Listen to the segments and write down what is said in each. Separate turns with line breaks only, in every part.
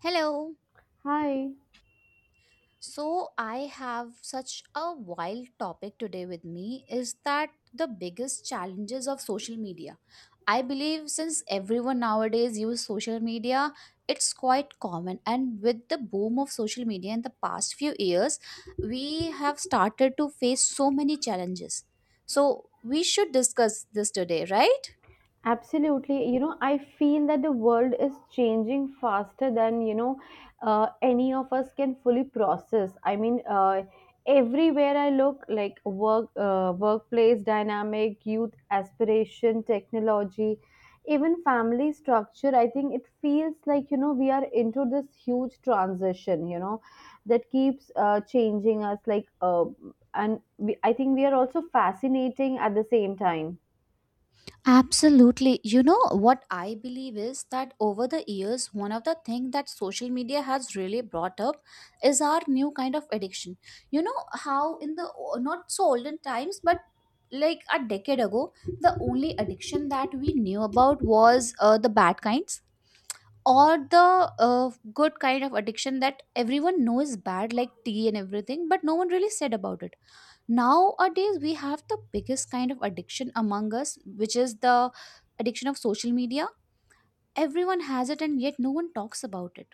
Hello.
Hi.
So I have such a wild topic today with me is that the biggest challenges of social media. I believe since everyone nowadays use social media, it's quite common and with the boom of social media in the past few years, we have started to face so many challenges. So we should discuss this today, right?
Absolutely. I feel that the world is changing faster than, any of us can fully process. I mean, everywhere I look, like workplace dynamic, youth aspiration, technology, even family structure, I think it feels like, we are into this huge transition, that keeps changing us like, and I think we are also fascinating at the same time.
Absolutely. You know what I believe is that over the years, one of the things that social media has really brought up is our new kind of addiction. You know how in the not so olden times, but like a decade ago, the only addiction that we knew about was the bad kinds or the good kind of addiction that everyone knows is bad, like tea and everything, but no one really said about it. Nowadays, we have the biggest kind of addiction among us, which is the addiction of social media. Everyone has it, and yet no one talks about it.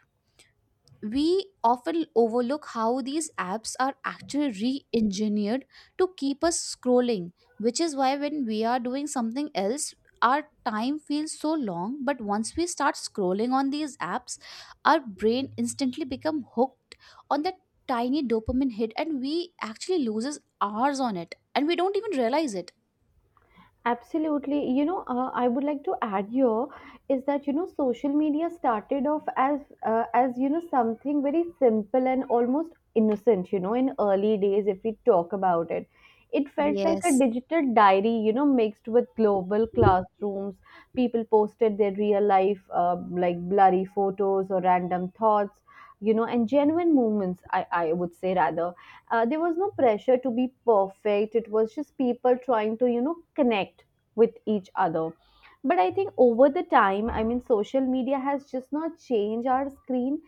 We often overlook how these apps are actually re-engineered to keep us scrolling, which is why when we are doing something else our time feels so long, but once we start scrolling on these apps our brain instantly become hooked on that tiny dopamine hit and we actually loses hours on it and we don't even realize it.
Absolutely. I would like to add here is that social media started off as something very simple and almost innocent. In early days, if we talk about it, it felt like a
Yes.
digital diary, mixed with global classrooms. People posted their real life, like blurry photos or random thoughts, and genuine moments. I would say rather there was no pressure to be perfect, it was just people trying to connect with each other. But I think over the time, I mean, social media has just not changed our screen,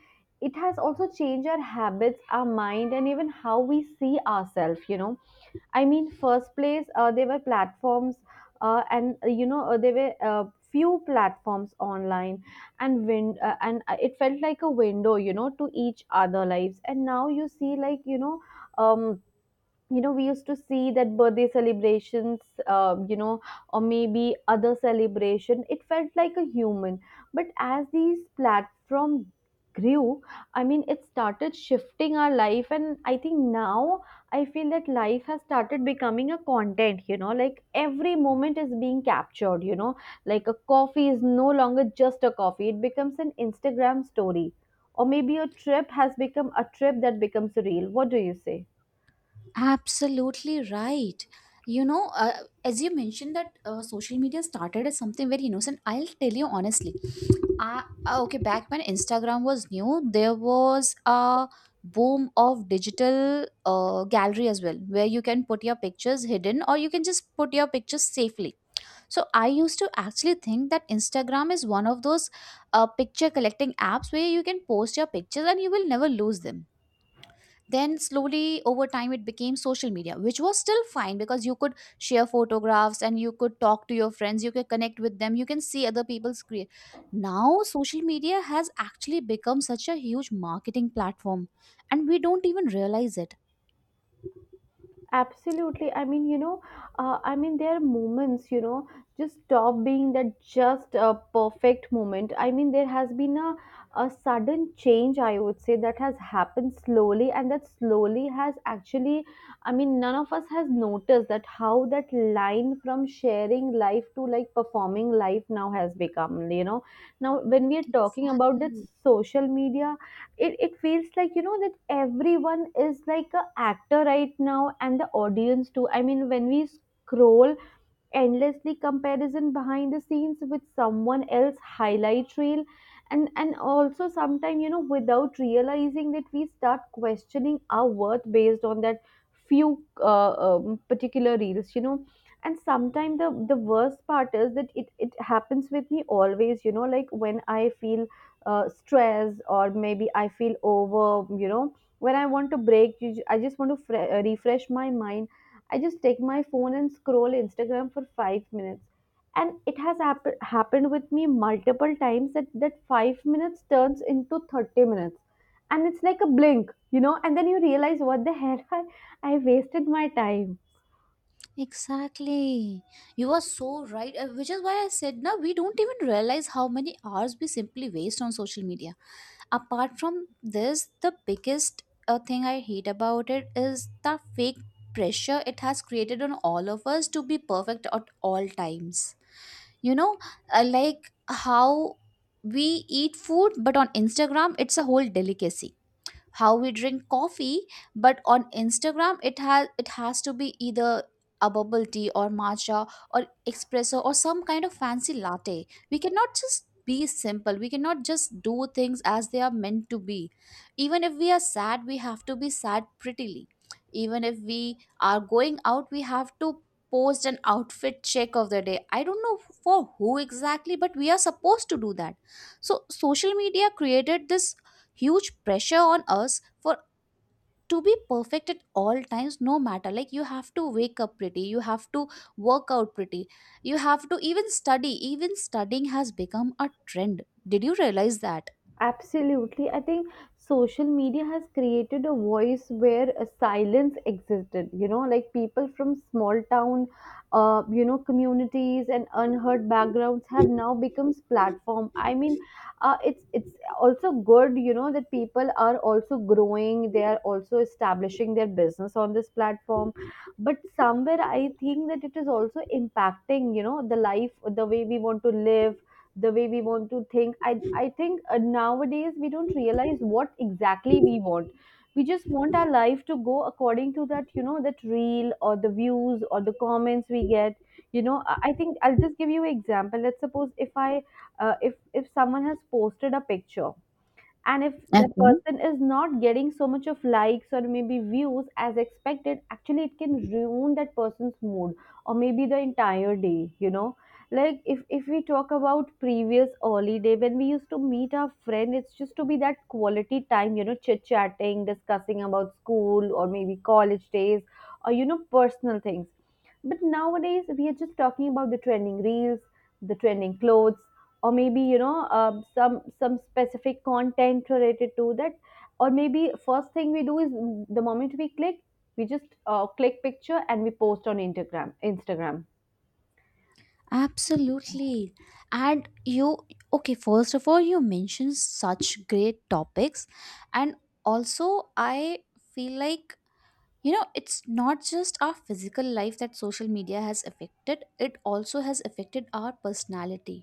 it has also changed our habits, our mind, and even how we see ourselves. I mean, first place, there were platforms, there were few platforms online, and it felt like a window, to each other lives. And now you see, like, um, we used to see that birthday celebrations um, you know or maybe other celebration, it felt like a human. But as these platform grew, I mean, it started shifting our life. And I think now I feel that life has started becoming a content, like every moment is being captured, like a coffee is no longer just a coffee, it becomes an Instagram story, or maybe a trip has become a trip that becomes a reel. What do you say?
Absolutely right. You know, uh, as you mentioned that social media started as something very innocent. I'll tell you honestly. Okay, back when Instagram was new, there was a boom of digital gallery as well, where you can put your pictures hidden or you can just put your pictures safely. So I used to actually think that Instagram is one of those picture collecting apps where you can post your pictures and you will never lose them. Then slowly over time it became social media, which was still fine because you could share photographs and you could talk to your friends, you could connect with them, you can see other people's create. Now social media has actually become such a huge marketing platform, and we don't even realize it.
Absolutely. I mean, there are moments, just stop being that, just a perfect moment. I mean, there has been a sudden change, I would say, that has happened slowly, and that slowly has actually, I mean, none of us has noticed that how that line from sharing life to like performing life now has become. Now, when we are talking about that
Exactly.
social media, it feels like that everyone is like a actor right now, and the audience too. I mean, when we scroll endlessly, comparison behind the scenes with someone else highlight reel. And also sometimes, without realizing that, we start questioning our worth based on that few particular reels. And sometimes, the worst part is that it happens with me always, like when I feel stressed or maybe I feel over, when I want to break, I just want to refresh my mind. I just take my phone and scroll Instagram for 5 minutes. And it has happened with me multiple times that 5 minutes turns into 30 minutes. And it's like a blink, and then you realize what the hell I wasted my time.
Exactly. You are so right, which is why I said now we don't even realize how many hours we simply waste on social media. Apart from this, the biggest thing I hate about it is the fake pressure it has created on all of us to be perfect at all times. You know, like how we eat food, but on Instagram, it's a whole delicacy. How we drink coffee, but on Instagram it has to be either a bubble tea or matcha or espresso or some kind of fancy latte. We cannot just be simple, we cannot just do things as they are meant to be. Even if we are sad we have to be sad prettily, even if we are going out we have to post an outfit check of the day. I don't know for who exactly, but we are supposed to do that. So social media created this huge pressure on us for to be perfect at all times. No matter, like, you have to wake up pretty, you have to work out pretty, you have to even study. Even studying has become a trend. Did you realize that?
Absolutely. I think social media has created a voice where a silence existed. Like people from small town, communities and unheard backgrounds have now becomes platform. I mean, it's also good, that people are also growing. They are also establishing their business on this platform. But somewhere, I think that it is also impacting, the life, the way we want to live, the way we want to think. I think nowadays we don't realize what exactly we want. We just want our life to go according to that, that reel or the views or the comments we get. I think I'll just give you an example. Let's suppose if I if someone has posted a picture, and if the
Okay.
person is not getting so much of likes or maybe views as expected, actually it can ruin that person's mood, or maybe the entire day. Like if we talk about previous early day, when we used to meet our friend, it's just to be that quality time, chit chatting, discussing about school or maybe college days, or personal things. But nowadays, we are just talking about the trending reels, the trending clothes, or maybe, some specific content related to that. Or maybe first thing we do is the moment we click, we just click picture and we post on Instagram.
Absolutely. And you, okay, first of all, you mentioned such great topics. And also, I feel like, you know, it's not just our physical life that social media has affected, it also has affected our personality.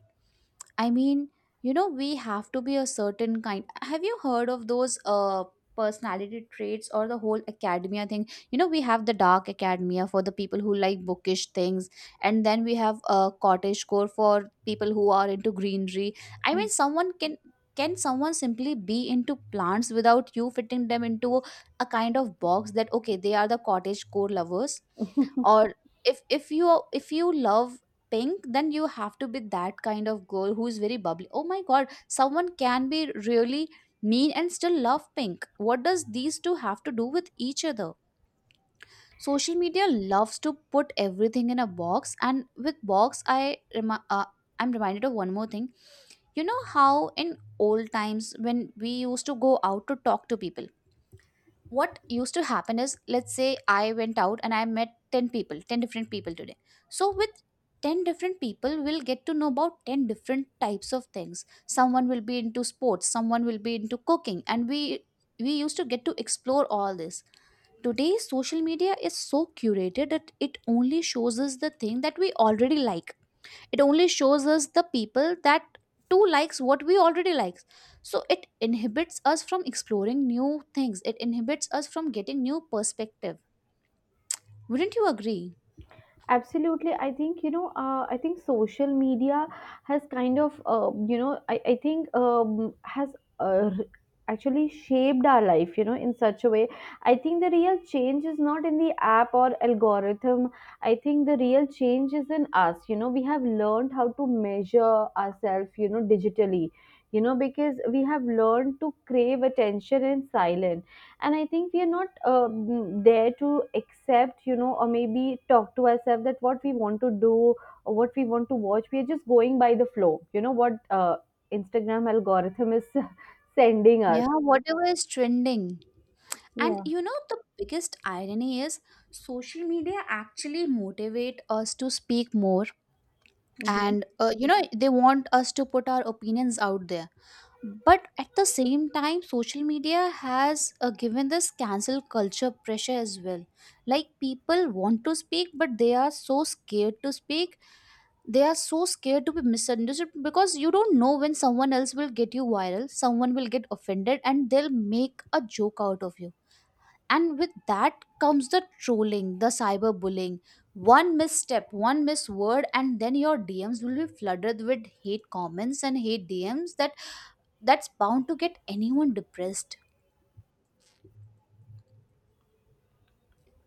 I mean, you know, we have to be a certain kind. Have you heard of those personality traits or the whole academia thing? You know, we have the dark academia for the people who like bookish things, and then we have a cottage core for people who are into greenery. I mean, someone can someone simply be into plants without you fitting them into a kind of box that okay, they are the cottage core lovers? Or if if you if you love pink, then you have to be that kind of girl who is very bubbly. Oh my god, someone can be really mean and still love pink. What does these two have to do with each other? Social media loves to put everything in a box, and with box I'm reminded of one more thing. You know how in old times when we used to go out to talk to people, what used to happen is, let's say I went out and I met 10 people, 10 different people today. So with 10 different people we will get to know about 10 different types of things. Someone will be into sports, someone will be into cooking, and we used to get to explore all this. Today social media is so curated that it only shows us the thing that we already like, it only shows us the people that too likes what we already likes. So it inhibits us from exploring new things, it inhibits us from getting new perspective. Wouldn't you agree?
Absolutely. I think, I think social media has kind of, you know, I think has uh, r- actually shaped our life, in such a way. I think the real change is not in the app or algorithm. I think the real change is in us. We have learned how to measure ourselves, digitally, because we have learned to crave attention in silence. And I think we are not there to accept, or maybe talk to ourselves that what we want to do, or what we want to watch. We are just going by the flow, what Instagram algorithm is sending us.
Yeah, whatever is trending. And
Yeah.
you know the biggest irony is social media actually motivate us to speak more,
Mhm.
and you know they want us to put our opinions out there. But at the same time social media has given this cancel culture pressure as well. Like people want to speak but they are so scared to speak, they are so scared to be misunderstood, because you don't know when someone else will get you viral, someone will get offended and they'll make a joke out of you. And with that comes the trolling, the cyberbullying. One misstep, one misword, and then your dms will be flooded with hate comments and hate dms. That that's bound to get anyone depressed.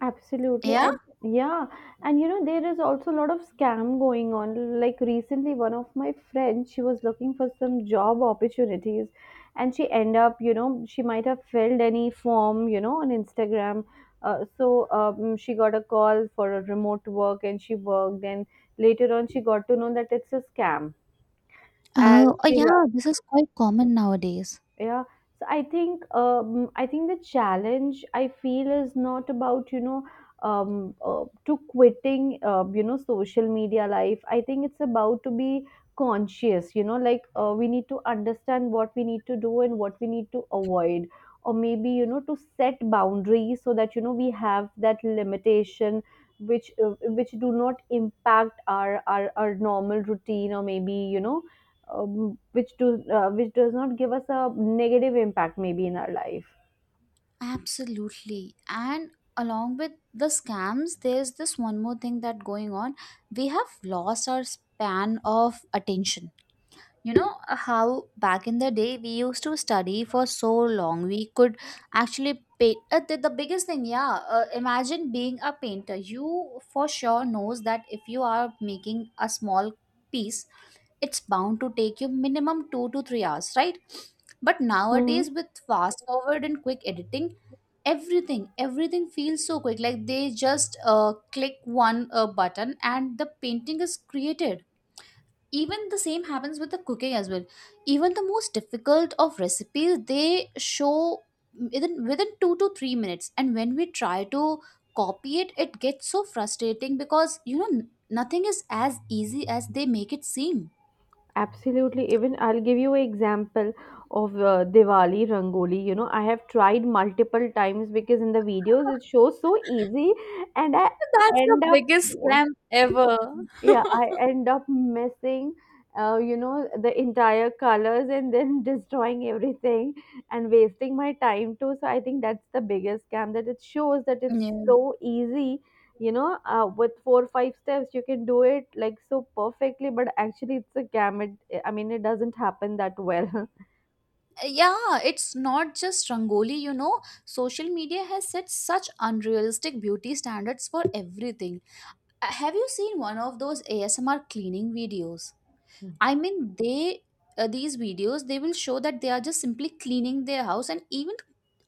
Absolutely.
Yeah.
I Yeah, and there is also a lot of scam going on. Like recently, one of my friends, she was looking for some job opportunities, and she end up, she might have filled any form, on Instagram. So she got a call for a remote work, and she worked. And later on, she got to know that it's a scam, and
Oh, oh
she
yeah, this is quite common nowadays.
yeah. So I think the challenge I feel is not about, to quitting, social media life. I think it's about to be conscious, like, we need to understand what we need to do and what we need to avoid, or maybe, to set boundaries so that, we have that limitation which, which do not impact our normal routine, or maybe, which does not give us a negative impact maybe in our life.
Absolutely. And along with the scams, there's this one more thing that going on. We have lost our span of attention. You know how back in the day we used to study for so long, we could actually paint. The biggest thing, yeah, imagine being a painter. You for sure knows that if you are making a small piece, it's bound to take you minimum 2 to 3 hours, right? But
Hmm.
nowadays, with fast forward and quick editing, everything feels so quick. Like they just click one button and the painting is created. Even the same happens with the cooking as well. Even the most difficult of recipes they show within 2 to 3 minutes, and when we try to copy it it gets so frustrating, because you know nothing is as easy as they make it seem.
Absolutely. Even I'll give you an example of Diwali Rangoli. I have tried multiple times because in the videos it shows so easy, and I
That's
end
the
up.
biggest scam ever.
Yeah, I end up missing the entire colors and then destroying everything and wasting my time too. So I think that's the biggest scam, that it shows that it's
Yeah.
so easy. With four or five steps you can do it, like, so perfectly, but actually it's a scam. It, I mean, it doesn't happen that well
Yeah, it's not just Rangoli, you know. Social media has set such unrealistic beauty standards for everything. Have you seen one of those ASMR cleaning videos? I mean, they these videos they will show that they are just simply cleaning their house, and even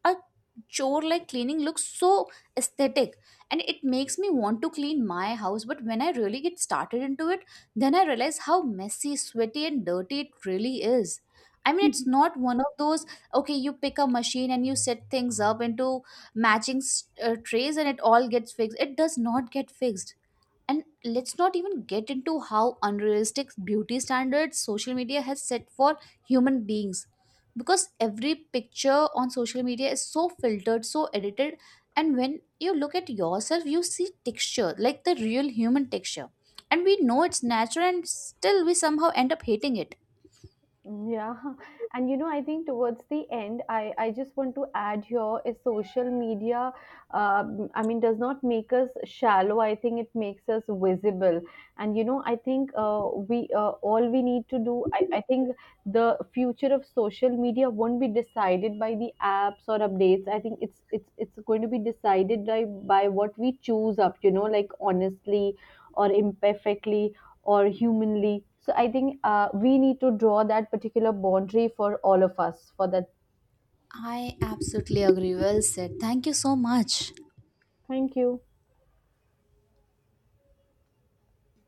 a chore like cleaning looks so aesthetic, and it makes me want to clean my house. But when I really get started into it, then I realize how messy, sweaty, and dirty it really is. I mean, it's not one of those, okay, you pick a machine and you set things up into matching trays, and it all gets fixed. It does not get fixed. And let's not even get into how unrealistic beauty standards social media has set for human beings. Because every picture on social media is so filtered, so edited, and when you look at yourself, you see texture, like the real human texture. And we know it's natural, and still we somehow end up hating it.
Mm. Yeah, and I think towards the end, I just want to add here is social media. I mean, does not make us shallow. I think it makes us visible. And I think we all we need to do. I think the future of social media won't be decided by the apps or updates. I think it's going to be decided by what we choose up. Like honestly or imperfectly or humanly. So I think we need to draw that particular boundary for all of us for that.
I absolutely agree. Well said. Thank you so much.
Thank you.